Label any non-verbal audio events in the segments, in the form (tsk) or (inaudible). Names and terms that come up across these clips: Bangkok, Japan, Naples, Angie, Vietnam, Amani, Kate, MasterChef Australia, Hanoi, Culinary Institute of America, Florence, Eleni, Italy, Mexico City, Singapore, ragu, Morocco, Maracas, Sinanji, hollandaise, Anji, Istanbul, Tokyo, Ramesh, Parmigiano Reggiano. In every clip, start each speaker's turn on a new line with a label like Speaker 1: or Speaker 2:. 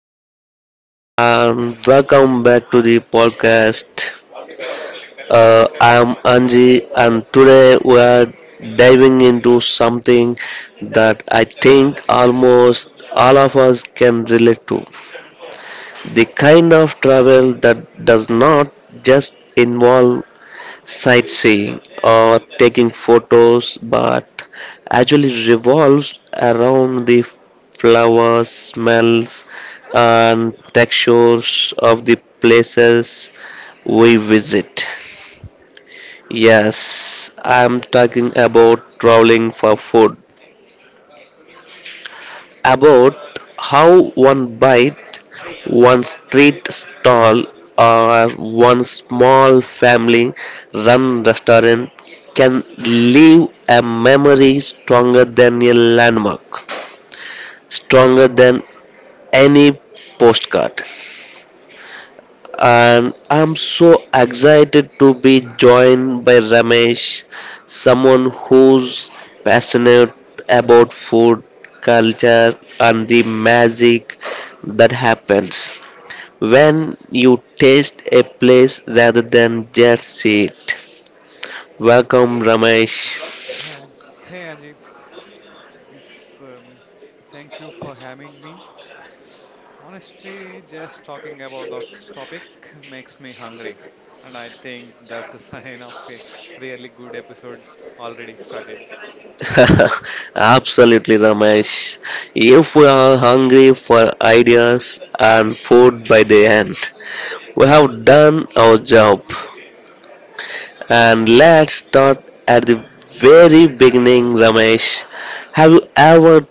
Speaker 1: everyone and welcome back to the podcast. I'm Anji and today we are diving into something that I think almost all of us can relate to. The kind of travel that does not just involve sightseeing or taking photos, but actually revolves around the flowers, smells, and textures of the places we visit. Yes, I'm talking about traveling for food, about how one bite one street stall or one small family run restaurant can leave a memory stronger than a landmark, stronger than any postcard. And I'm so excited to be joined by Ramesh, someone who's passionate about food, culture, and the magic that happens when you taste a place rather than just see it. Welcome, Ramesh.
Speaker 2: Hey, hey Anji, it's thank you for having me. Honestly, just talking about this topic makes me hungry, and I think that's a (laughs) sign of a really good episode already started.
Speaker 1: (laughs) Absolutely, Ramesh. If we are hungry for ideas and food by the end, we have done our job. And let's start at the very beginning, Ramesh. Have you ever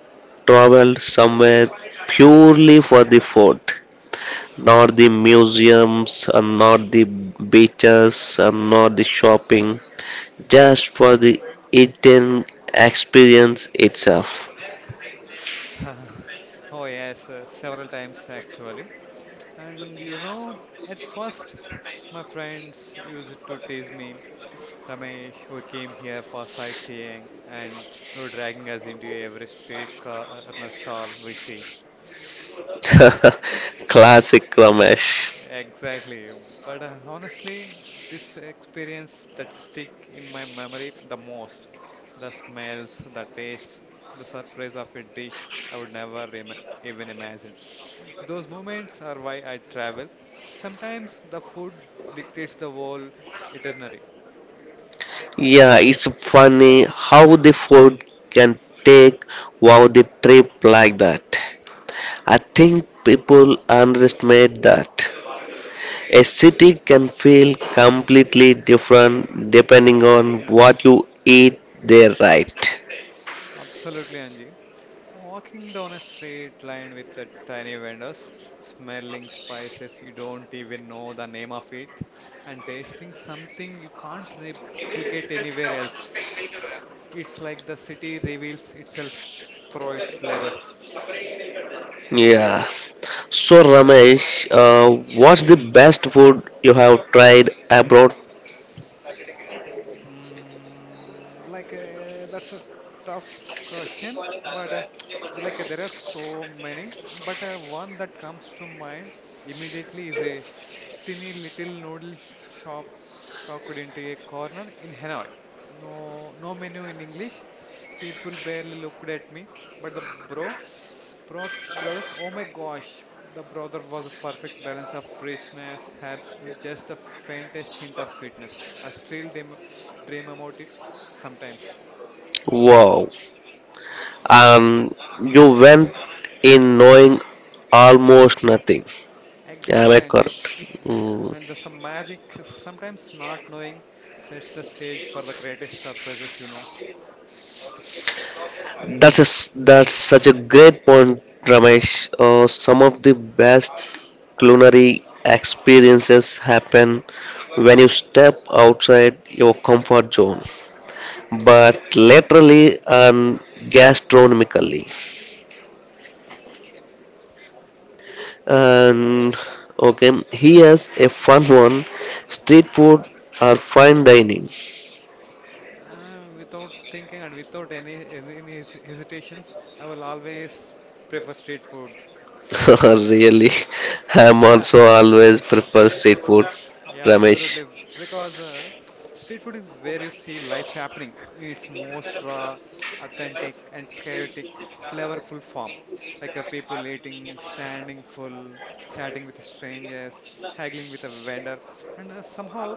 Speaker 1: traveled somewhere purely for the food? Not the museums and not the beaches and not the shopping, just for the eating experience itself.
Speaker 2: (laughs) Oh yes, several times actually. And you know, at first, my friends used to tease me, Ramesh, we came here for sightseeing, and you're dragging us into every street corner stall we see.
Speaker 1: (laughs) Classic Ramesh.
Speaker 2: Exactly. But honestly, this experience that stick in my memory the most, the smells, the tastes, the surprise of a dish I would never im- even imagine. Those moments are why I travel. Sometimes the food dictates the whole itinerary.
Speaker 1: Yeah, it's funny how the food can take wow the trip like that. I think people underestimate that. A city can feel completely different depending on what you eat there, right?
Speaker 2: Absolutely, Anji. Walking down a straight line with the tiny vendors, smelling spices you don't even know the name of it, and tasting something you can't replicate anywhere else. It's like the city reveals itself through its flavors.
Speaker 1: Yeah. So Ramesh, what's the best food you have tried abroad?
Speaker 2: That's a tough question, but (tsk) there are so many, but one that comes to mind immediately is a tiny little noodle shop tucked into a corner in Hanoi. No, No menu in English. People barely looked at me, but the bro Bro- brothers, oh my gosh, the brother was a perfect balance of richness, herbs, and just the faintest hint of sweetness. I still dream about it sometimes.
Speaker 1: Wow, and you went in knowing almost nothing. Am I
Speaker 2: Exactly, Angie.
Speaker 1: correct?
Speaker 2: Uh,
Speaker 1: Mm.
Speaker 2: And there's some magic. Sometimes not knowing sets the stage for the greatest surprises,
Speaker 1: That's such a great point, Ramesh. Some of the best culinary experiences happen when you step outside your comfort zone, but literally and gastronomically. And okay, here's a fun one: street food or fine dining.
Speaker 2: Without thinking and without hesitations, I will always prefer street food.
Speaker 1: (laughs) Really, I'm
Speaker 2: Yeah,
Speaker 1: also always prefer street food,
Speaker 2: yeah,
Speaker 1: Ramesh.
Speaker 2: absolutely. Because street food is where you see life happening in its most raw, authentic, and chaotic, flavorful form. People eating, standing full, chatting with strangers, haggling with a vendor, and somehow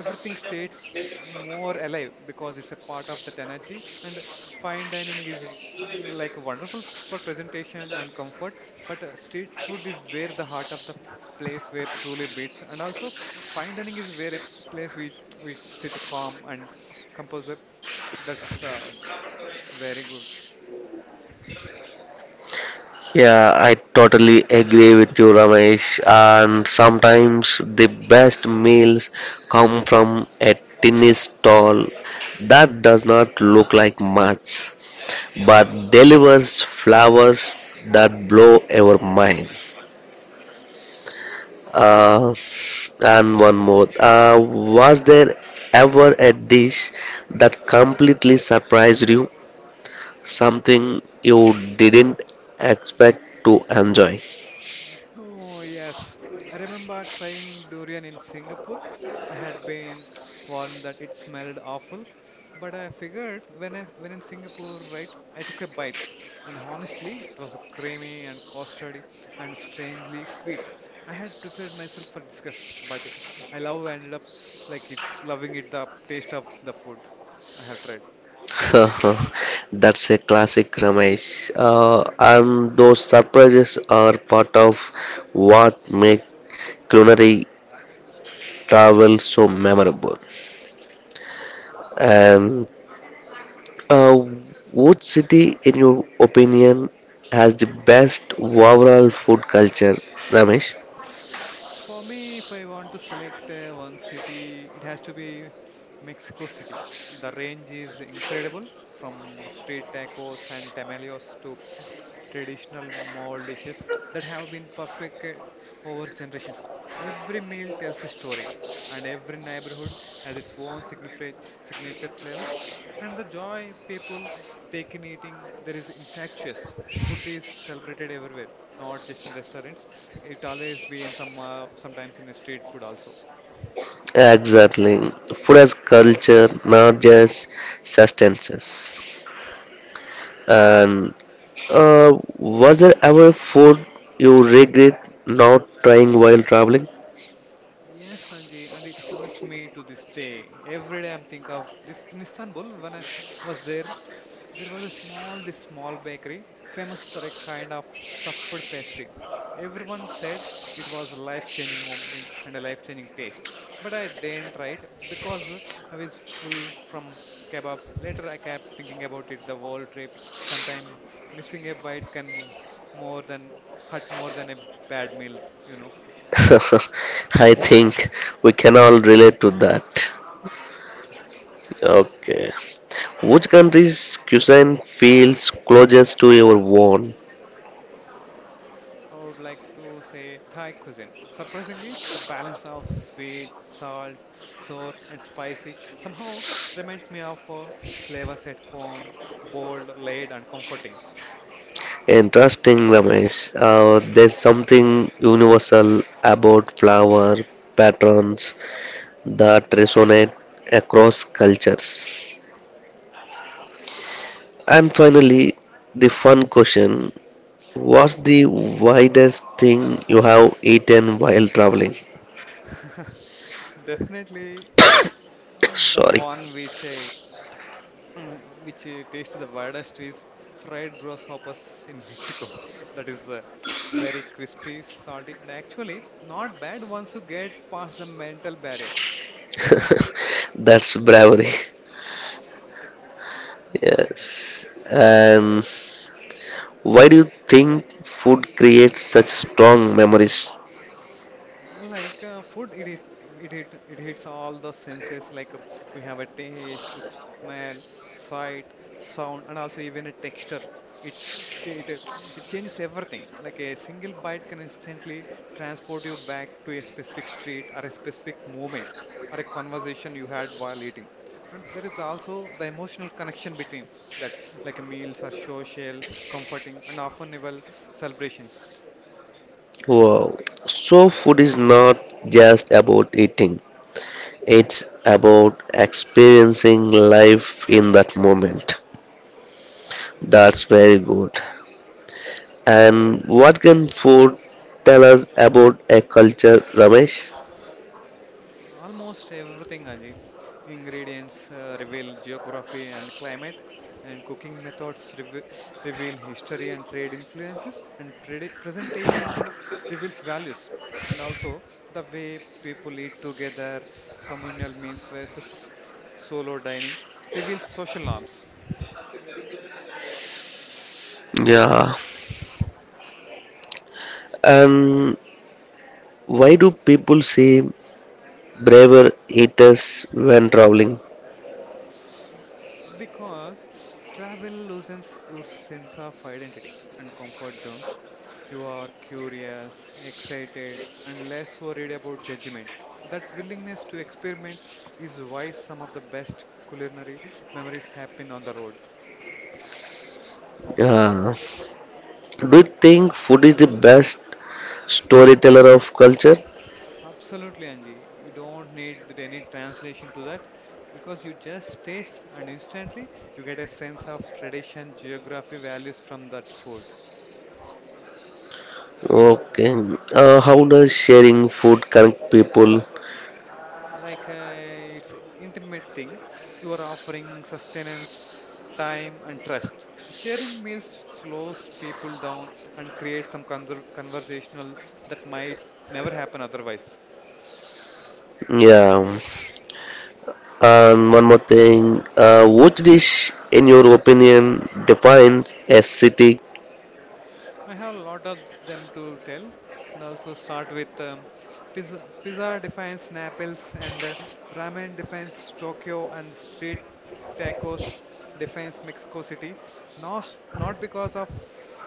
Speaker 2: everything stays more alive because it's a part of that energy. And fine dining is wonderful for presentation and comfort, but street food is where the heart of the place where truly beats, and also fine dining is where a place we sit calm and composer, that's very good.
Speaker 1: Yeah, I totally agree with you, Ramesh. And sometimes the best meals come from a tiny stall that does not look like much, but delivers flowers that blow our mind. Uh, and one more. Was there ever a dish that completely surprised you? Something you didn't expect to enjoy?
Speaker 2: Oh, yes. I remember trying durian in Singapore. I had been (tsk) warned that it smelled awful, but I figured when in Singapore, right, I took a bite. And honestly, it was creamy and custardy and strangely sweet. I had prepared myself for disgust, but I love ended up like it's loving it the taste of the food I have tried.
Speaker 1: (laughs) That's a classic, Ramesh. And those surprises are part of what make culinary travel so memorable. And Uh, what city, in your opinion, has the best overall food culture, Ramesh?
Speaker 2: For me, if I want to select one city, it has to be Mexico City. The range is incredible from street tacos and tamales to traditional mole dishes that have been perfected over generations. Every meal tells a story, and every neighborhood has its own signature flavors. And the joy people take in eating there is infectious. Food is celebrated everywhere, not just in restaurants. It always be in sometimes in street food also.
Speaker 1: Exactly. Food as culture, not just sustenance. And was there ever food you regret not trying while traveling?
Speaker 2: Yes, Sanjay, and it haunts me to this day. Every day I'm think of this. In Istanbul, when I was there, there was a this small bakery, famous for a kind of stuffed pastry. Everyone said it was a life-changing moment and a life-changing taste. But I didn't try it because I was full from kebabs. Later, I kept thinking about it the whole trip. Sometimes missing a bite can more than hurt more than a bad meal, you know.
Speaker 1: (laughs) I think we can all relate to that. Okay. Which country's cuisine feels closest to your own?
Speaker 2: I would like to say Thai cuisine. Surprisingly, the balance of sweet, salt, sour, and spicy somehow reminds me of flavors at home, bold, laid, and comforting.
Speaker 1: Interesting, Ramesh. There's something universal about flower patterns that resonate across cultures. And finally, the fun question: what's the widest thing you have eaten while traveling?
Speaker 2: (laughs) Definitely,
Speaker 1: (coughs)
Speaker 2: the
Speaker 1: Sorry,
Speaker 2: one which I mm, which I taste the weirdest is fried grasshoppers in Mexico. (laughs) That is very crispy, salty, and actually not bad once you get past the mental barrier.
Speaker 1: (laughs) that's bravery. (laughs) Yes. And why do you think food creates such strong memories?
Speaker 2: Like food it, hit- it hit, It hits all the senses, we have a taste, smell, sight, sound, and also even a texture. it it, uh, it changes everything. Like a single bite can instantly transport you back to a specific street or a specific moment or a conversation you had while eating. And there is also the emotional connection between that, like meals are social, comforting, and often even celebrations.
Speaker 1: Wow. So, food is not just about eating, it's about experiencing life in that moment. That's very good. And what can food tell us about a culture, Ramesh?
Speaker 2: Almost everything, Anji. Ingredients reveal geography and climate, and cooking methods reveal history and trade influences, and presentation reveals values. And also, the way people eat together, communal meals versus solo dining, reveals social norms.
Speaker 1: Yeah. And why do people say braver eaters when traveling?
Speaker 2: Because travel loosens your sense of identity and comfort zones. You are curious, excited, and less worried about judgment. That willingness to experiment is why some of the best culinary memories happen on the road.
Speaker 1: Yeah. Do you think food is the best storyteller of culture?
Speaker 2: Absolutely, Angie. You don't need any translation to that because you just taste and instantly you get a sense of tradition, geography, values from that food.
Speaker 1: Okay. How does sharing food connect people?
Speaker 2: It's a intimate thing. You are offering sustenance, time, and trust. Sharing meals slows people down and creates some conversational that might never happen otherwise.
Speaker 1: Yeah. And one more thing. Which dish, in your opinion, defines a city?
Speaker 2: I have a lot of them to tell, and also start with pizza. Pizza defines Naples, and ramen defines Tokyo, and street tacos defines Mexico City. Not because of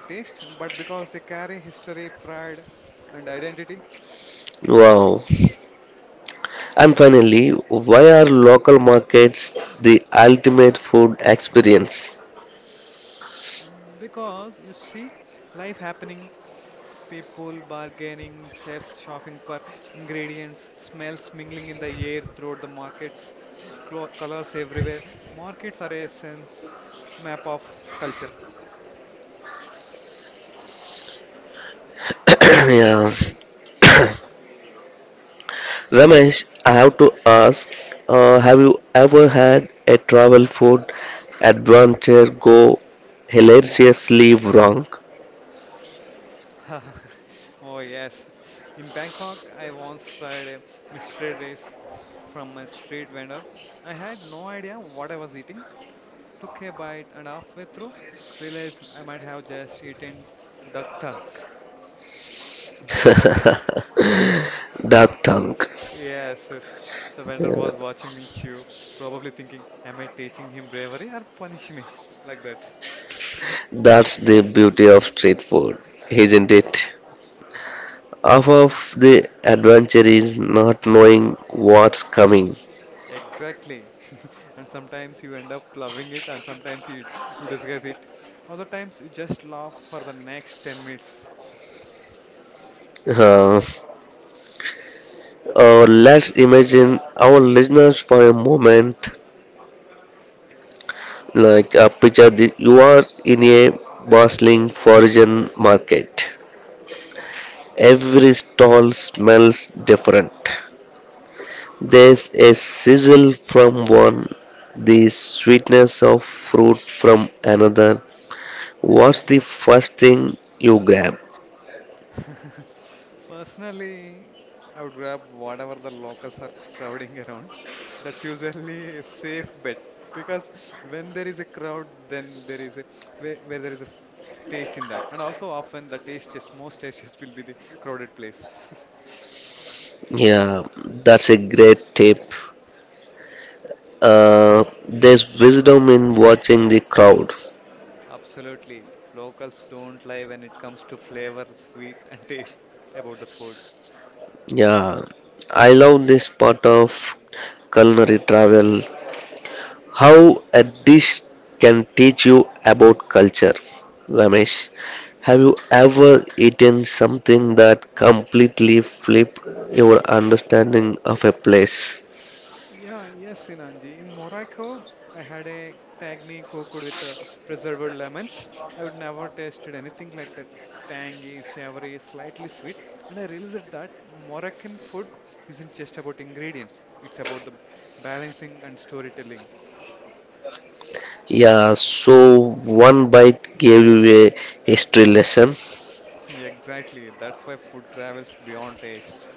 Speaker 2: taste, but because they carry history, pride, and identity.
Speaker 1: Wow. And finally, why are local markets the ultimate food experience?
Speaker 2: Because you see life happening. People bargaining, chefs shopping for ingredients, smells mingling in the air throughout the markets, clo colors everywhere. Markets are a sense map of culture.
Speaker 1: (coughs) (clears throat) Yeah. Ramesh, I have to ask, have you ever had a travel food adventure go hilariously wrong?
Speaker 2: (laughs) Oh, yes. In Bangkok, I once tried a mystery rice from a street vendor. I had no idea what I was eating. Took a bite and halfway through, realized I might have just eaten duck tongue.
Speaker 1: (laughs) Duck tongue.
Speaker 2: Yes, yes. The vendor was watching me chew, probably thinking, am I teaching him bravery or punishment? (laughs) Like that.
Speaker 1: That's the beauty of street food, isn't it? Half of the adventure is not knowing what's coming.
Speaker 2: Exactly. (laughs) And sometimes you end up loving it, and sometimes you disguise it. Other times you just laugh for the next 10 minutes. (laughs)
Speaker 1: Uh, let's imagine our listeners for a moment. Picture this, you are in a bustling foreign market. Every stall smells different. There's a sizzle from one, the sweetness of fruit from another. What's the first thing you grab?
Speaker 2: (laughs) Personally, I would grab whatever the locals are crowding (laughs) around. That's usually a safe bet because when there is a crowd, then there is a where there is a taste in that, and also often most tastiest will be the crowded place.
Speaker 1: Yeah, that's a great tip. There's wisdom in watching the crowd.
Speaker 2: (laughs) Absolutely, locals don't lie when it comes to flavor, sweet, and taste about the food.
Speaker 1: Yeah, I love this part of culinary travel. How a dish can teach you about culture. Ramesh, have you ever eaten something that completely flipped your understanding of a place?
Speaker 2: Yeah, yes, Sinanji. In Morocco, I had a tagine cooked with preserved lemons. I would never tasted anything like that, tangy, savory, slightly sweet. And I realized that Moroccan food isn't just about ingredients, it's about the balancing and storytelling.
Speaker 1: Yeah, so one bite gave you a history lesson.
Speaker 2: (laughs) Exactly, that's why food travels beyond taste.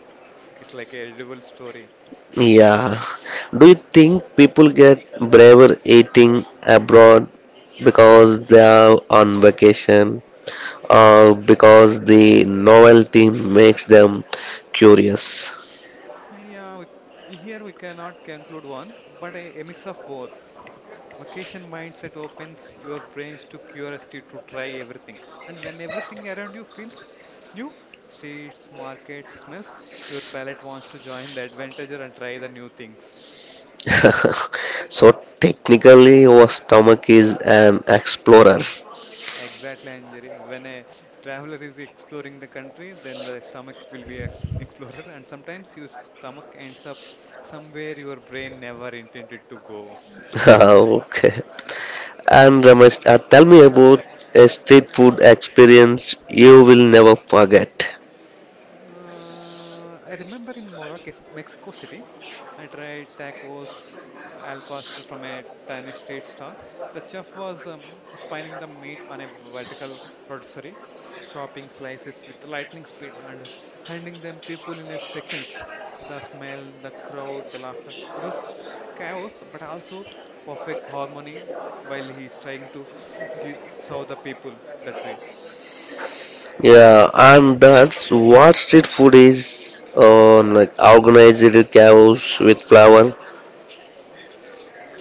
Speaker 2: It's like a readable story.
Speaker 1: Yeah. Do you think people get braver eating abroad because they are on vacation or because the novelty makes them curious?
Speaker 2: Yeah, Here we cannot conclude one, but a mix of both. Vacation mindset opens your brains to curiosity to try everything. And when everything around you feels new, streets, markets, smells, your palate wants to join the adventure and try the new things.
Speaker 1: (laughs) So technically, your stomach is an explorer.
Speaker 2: Exactly, Anjali. When a traveler is exploring the country, then the stomach will be explorer, and sometimes your stomach ends up somewhere your brain never intended to go.
Speaker 1: (laughs) Okay. And Ramesh, tell me about a street food experience you will never forget.
Speaker 2: I remember in Maracas, Mexico City, I tried tacos al pastor from a tiny street stall. The chef was spinning the meat on a vertical rotisserie, chopping slices with lightning speed and handing them people in a seconds. The smell, the crowd, the laughter. It was chaos, but also perfect harmony while he's trying to give serve the people that way.
Speaker 1: Yeah, and that's what street food is. On like organized chaos with flour.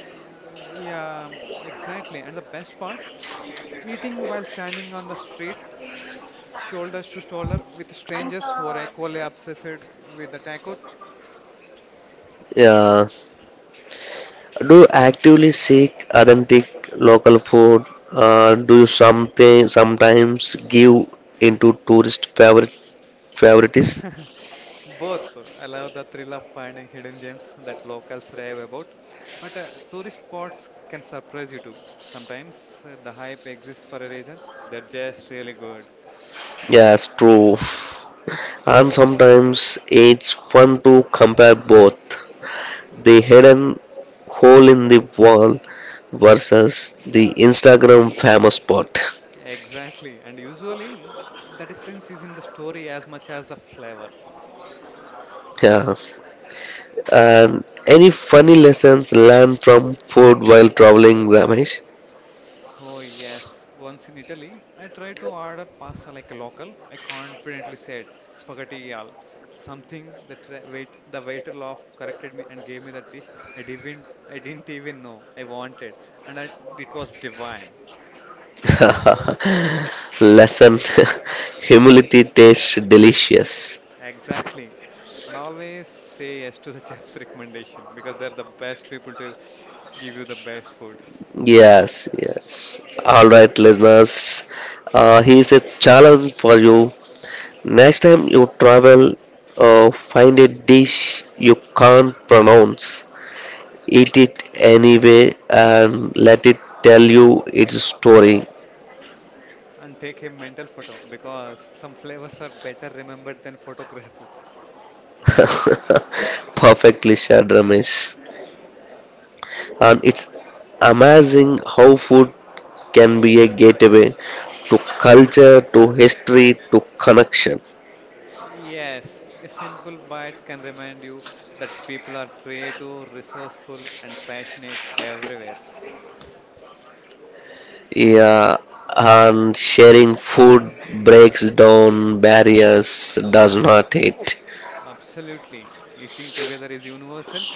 Speaker 2: Yeah, exactly. And the best part, (sniffs) eating while standing on the street, shoulders to shoulder with strangers who are equally obsessed with the taco.
Speaker 1: Yeah. Do you actively seek authentic local food? Do you something sometimes give into tourist favorites?
Speaker 2: (laughs) Both allow the thrill of finding hidden gems that locals rave about, but tourist spots can surprise you too. Sometimes the hype exists for a reason. They're just really good.
Speaker 1: Yes, true. (laughs) And sometimes it's fun to compare both the hidden hole in the wall versus the Instagram famous spot. (laughs)
Speaker 2: Exactly. And usually the difference is in the story as much as the flavor.
Speaker 1: Yeah. And any funny lessons learned from food while traveling, Ramesh?
Speaker 2: Oh, yes. Once in Italy, I tried to order pasta like a local. I confidently said spaghetti al. Something the waiter laughed, corrected me, and gave me the dish I didn't even know I wanted, and I, it was divine.
Speaker 1: (laughs) Lesson (laughs) humility tastes delicious.
Speaker 2: Exactly. And always say yes to the (laughs) chef's recommendation because they're the best people to give you the best food.
Speaker 1: Yes, yes. All right, listeners. Here's a challenge for you. Next time you travel, find a dish you can't pronounce, eat it anyway, and let it tell you its story.
Speaker 2: And take a mental photo because some flavors are better remembered than (laughs) photographed.
Speaker 1: (laughs) Perfectly said, Ramesh. And it's amazing how food can be a gateway to culture, to history, to connection.
Speaker 2: Yes, a simple bite can remind you that people are creative, resourceful, and passionate everywhere.
Speaker 1: Yeah, and sharing food breaks down barriers, does not it?
Speaker 2: Absolutely. Eating together is universal.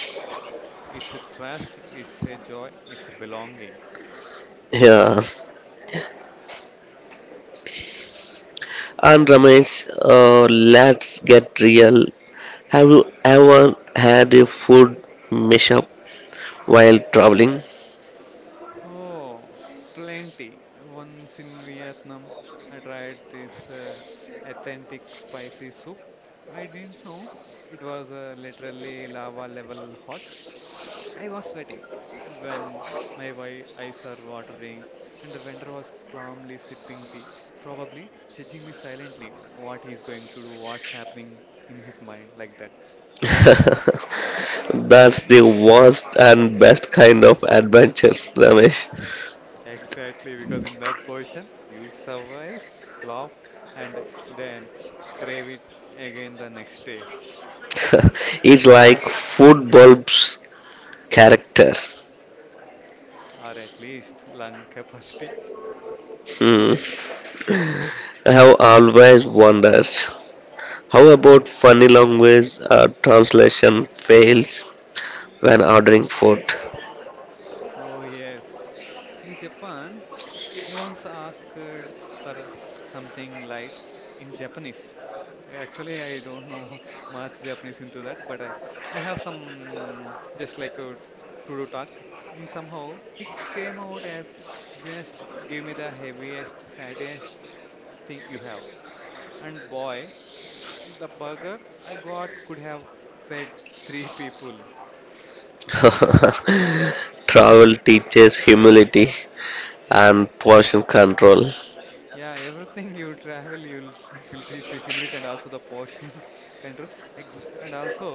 Speaker 2: It's a trust, it's a joy, it's a belonging.
Speaker 1: Yeah. And Ramesh, let's get real. Have you ever had a food mishap while traveling? (laughs)
Speaker 2: Oh, plenty. Once in Vietnam, I tried this authentic spicy soup. I didn't know it was literally lava level hot. I was sweating when my eyes are watering, and the vendor was calmly sipping tea, probably judging me silently what he's going to do, what's happening in his mind, like that.
Speaker 1: That's the worst and best kind of adventure, Ramesh.
Speaker 2: Exactly, because in that position, you survive, laugh, and then crave it again the next day,
Speaker 1: (laughs) It's like food bulbs character.
Speaker 2: or at least lung capacity.
Speaker 1: Hmm. I have always wondered how about funny language translation fails when ordering food.
Speaker 2: Oh yes. In Japan, (tsk) I once asked for something light in Japanese. Actually, I don't know (laughs) much Japanese into that, but I have some just like a to-do talk. In somehow it came out as just give me the heaviest, fattest thing you have. And boy, (tsk) the burger I got could have fed three people.
Speaker 1: (laughs) Travel teaches humility and portion control.
Speaker 2: Yeah, everything you travel, you'll it will teach you humility and also the portion (laughs) control, ex and also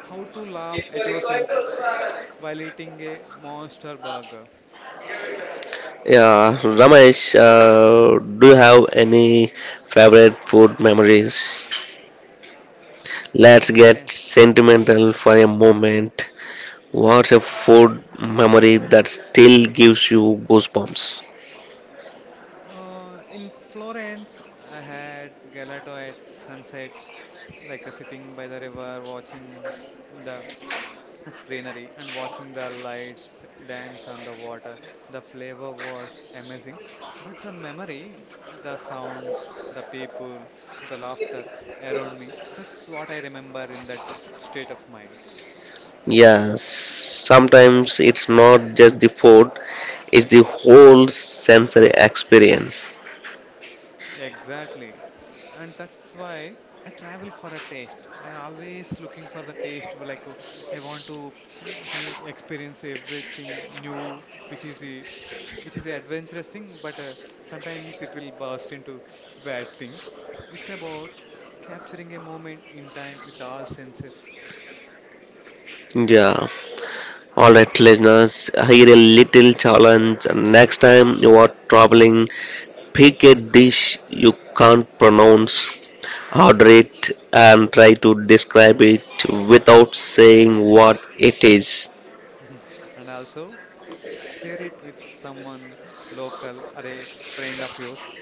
Speaker 2: how to laugh at yourself while eating a monster burger.
Speaker 1: Yeah, Ramesh, do you have any favorite food memories? Let's get
Speaker 2: I-
Speaker 1: sentimental for a moment. What's a food memory that still gives you goosebumps?
Speaker 2: in Florence, I had gelato at sunset, like sitting by the river watching the scenery and watching the lights dance on the water. The flavor was amazing, but the memory, the sounds, the people, the laughter around me, that's what I remember in that state of mind.
Speaker 1: Yes, sometimes it's not just the food, it's the whole sensory experience.
Speaker 2: Exactly. And that's why I travel for a taste. I always looking for the taste where like I want to experience everything new which is a adventurous thing but sometimes it will burst into bad thing. It's about capturing a moment in time with all senses
Speaker 1: Yeah. Alright, listeners, here a little challenge. Next time you are traveling, pick a dish you can't pronounce, order it, and try to describe it without saying what it is.
Speaker 2: and also share it with someone local or a friend of yours.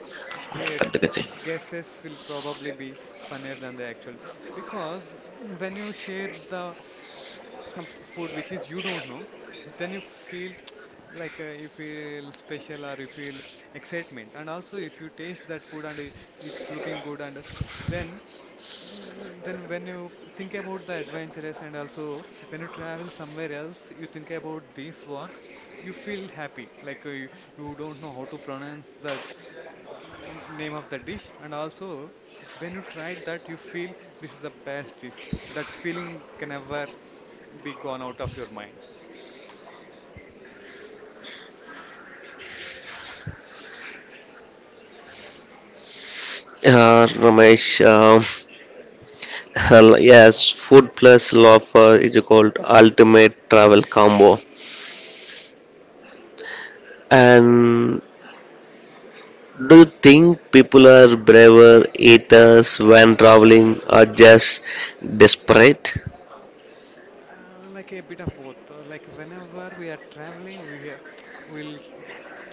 Speaker 2: Their
Speaker 1: Uh,
Speaker 2: guesses will probably be funnier than the actual because when you share the food which is you don't know, then you feel (tsk) like you feel special or you feel excitement, and also if you taste that food and it looking good and then then when you think about the adventurous and also when you travel somewhere else you think about this one, you feel happy like you, you don't know how to pronounce that name of the dish, and also when you tried that you feel this is the best dish, that feeling can never be gone out of your mind.
Speaker 1: Ramesh, (laughs) yes, food plus love is called ultimate travel combo. And do you think people are braver eaters when traveling or just desperate?
Speaker 2: Like a bit of both. Like whenever we are traveling will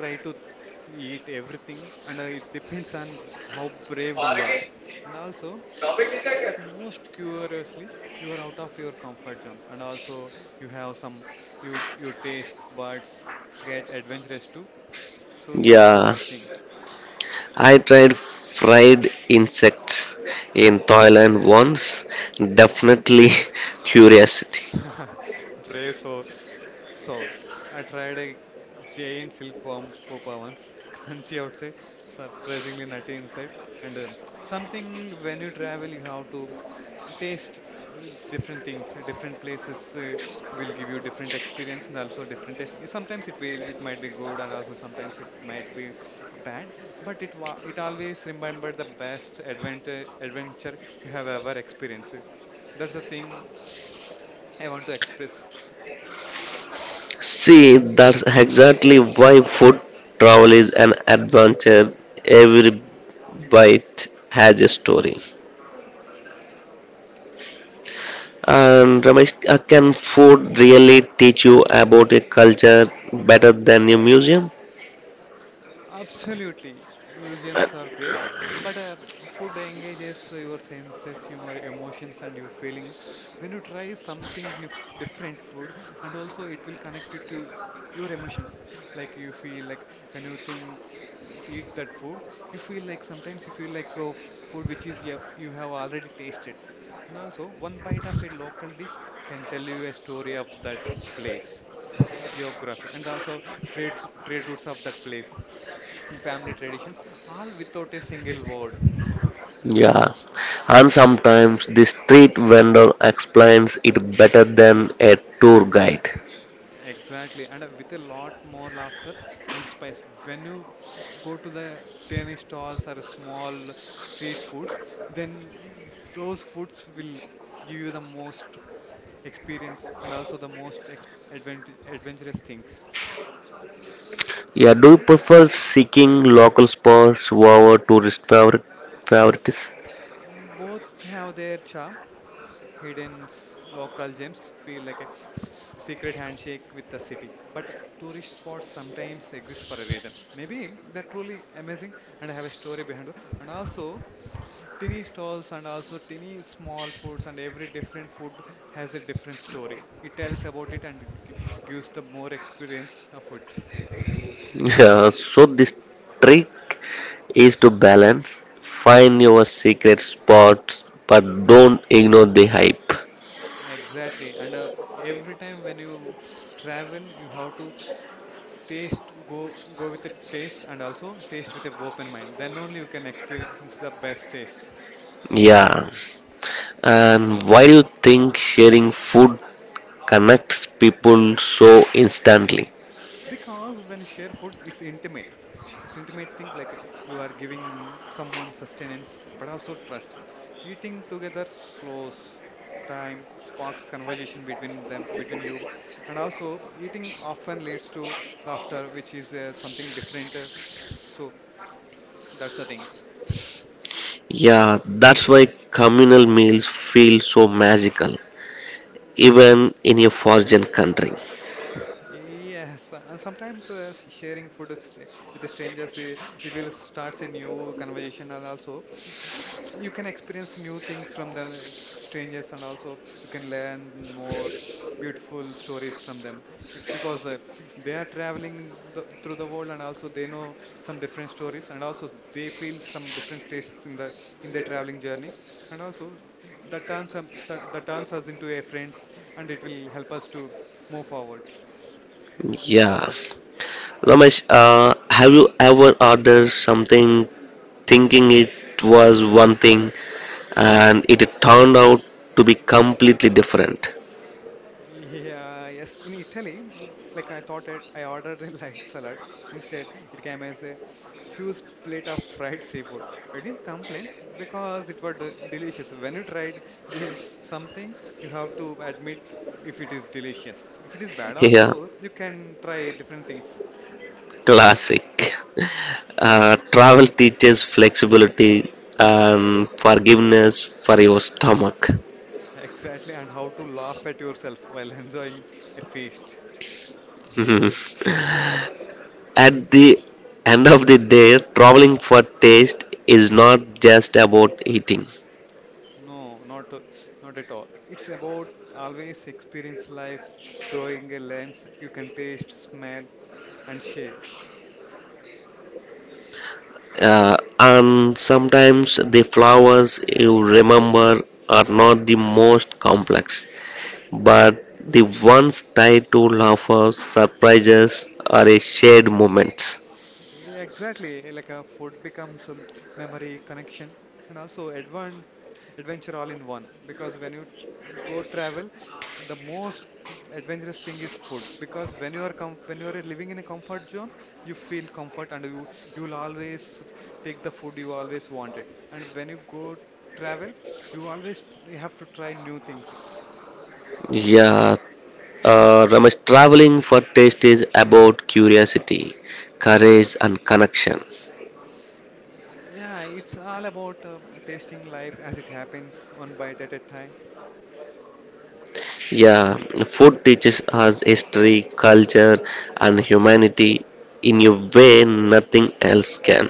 Speaker 2: try to eat everything, and it depends on how brave you are, and also but most curiously you are out of your comfort zone, and also you have some you your taste buds get adventurous too. So that's the
Speaker 1: Yeah,
Speaker 2: thing.
Speaker 1: I tried fried insects in Thailand once. Definitely (laughs) curiosity.
Speaker 2: (laughs) Brace for soul. I tried a giant silkworm pupa once, (laughs) crunchy outside, surprisingly nutty inside, and something when you travel, you have to taste different things. Different places will give you different experience and also different taste. Sometimes it will, it might be good, and also sometimes it might be bad. But it always remember the best adventure you have ever experienced. That's the thing I want to express.
Speaker 1: See, that's exactly why food travel is an adventure. Every bite has a story. And Ramesh, can food really teach you about a culture better than a museum?
Speaker 2: Absolutely. Museums are great, but (tsk) food engages your senses, humor, emotions, and your feelings. When you try something different food, and also it will connect it to your emotions. Like you feel like when you think eat that food, you feel like sometimes you feel like food which is you have already tasted, and also one bite of a local dish can tell you a story of that place geography, and also trade routes of that place, family traditions, all without a single word.
Speaker 1: Yeah, and sometimes the street vendor explains it better than a tour guide.
Speaker 2: Exactly, and with a lot more laughter and spice. When you go to the tiny stalls or small street foods, then those foods will give you the most experience and also the most ex advent adventurous things.
Speaker 1: Yeah, do you prefer seeking local spots over tourist favorites?
Speaker 2: Both have their charm, hidden local gems feel like a secret handshake with the city. But tourist spots sometimes exist for a reason. Maybe they're truly amazing and have a story behind them. And also, tiny stalls and also tiny small foods and every different food has a different story. It tells about it and it gives the more experience of it.
Speaker 1: (laughs) Yeah, so this trick is to balance, find your secret spots, but don't ignore the hype.
Speaker 2: Exactly. And every time when you travel, you have to taste go go with a taste and also taste with a open mind, then only you can experience the best taste.
Speaker 1: Yeah, and why do you think sharing food connects people so instantly?
Speaker 2: Because when you share food, it's intimate, it's intimate thing like you are giving someone sustenance but also trust, eating together slows time, sparks conversation between you, and also eating often leads to laughter which is something different. So that's the thing.
Speaker 1: Yeah, that's why communal meals feel so magical, even in a foreign country.
Speaker 2: Yes, sometimes sharing food with with strangers, it will starts a new conversation, and also (tsk) you can experience new things from the strangers, and also you can learn more beautiful stories from them. Because they are traveling through the world, and also they know some different stories, and also they feel some different tastes in the in their traveling journey, and also that turns us into a friends, and it will help us to move forward.
Speaker 1: Yeah. Ramesh, have you ever ordered something thinking it was one thing and it turned out to be completely different? (laughs)
Speaker 2: Yeah, yes, in Italy, like I thought it, I ordered a (laughs) light salad. Instead, it came as a huge plate of fried seafood. I didn't complain because it was delicious. When you tried give something, you have to admit if it is delicious. If it is bad
Speaker 1: Yeah,
Speaker 2: also, you can try different things.
Speaker 1: classic. Travel teaches flexibility and forgiveness for your stomach.
Speaker 2: (laughs) Exactly, and how to laugh at yourself while (laughs) enjoying a feast.
Speaker 1: (laughs) At the end of the day, traveling for taste is not just about eating.
Speaker 2: No, not at all. It's about always experience life, throwing a lens you can taste, smell, and share.
Speaker 1: And sometimes the flowers you remember are not the most complex, but the ones tied to laughter, surprises, or a shared moments.
Speaker 2: Yeah, exactly. Like a food becomes memory, connection, and also advan adventure all in one. Because when you go travel, the most adventurous thing is food. Because when you are com when you are living in a comfort zone, you feel comfort and you will always take the food you always wanted. And when you go travel, you always you have to try new things.
Speaker 1: Yeah, Ramesh, traveling for taste is about curiosity, courage, and connection.
Speaker 2: Yeah, it's all about tasting life as it happens, one bite at a time.
Speaker 1: Yeah, food teaches us history, culture, and humanity in a way nothing else can.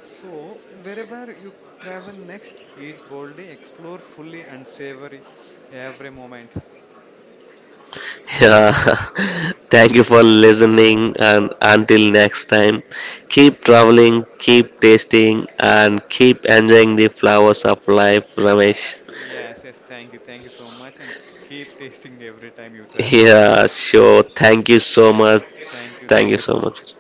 Speaker 2: So, wherever you travel next, eat boldly, explore fully, and savor every moment.
Speaker 1: Yeah, (laughs) thank you for listening, and until next time, keep traveling, keep tasting, and keep enjoying the flowers of life, Ramesh. (laughs)
Speaker 2: Yes, yes, thank you so much, and keep tasting every time you travel.
Speaker 1: Yeah, sure. Thank you so much. Thank
Speaker 2: Thank
Speaker 1: you
Speaker 2: you
Speaker 1: so
Speaker 2: so much.
Speaker 1: much.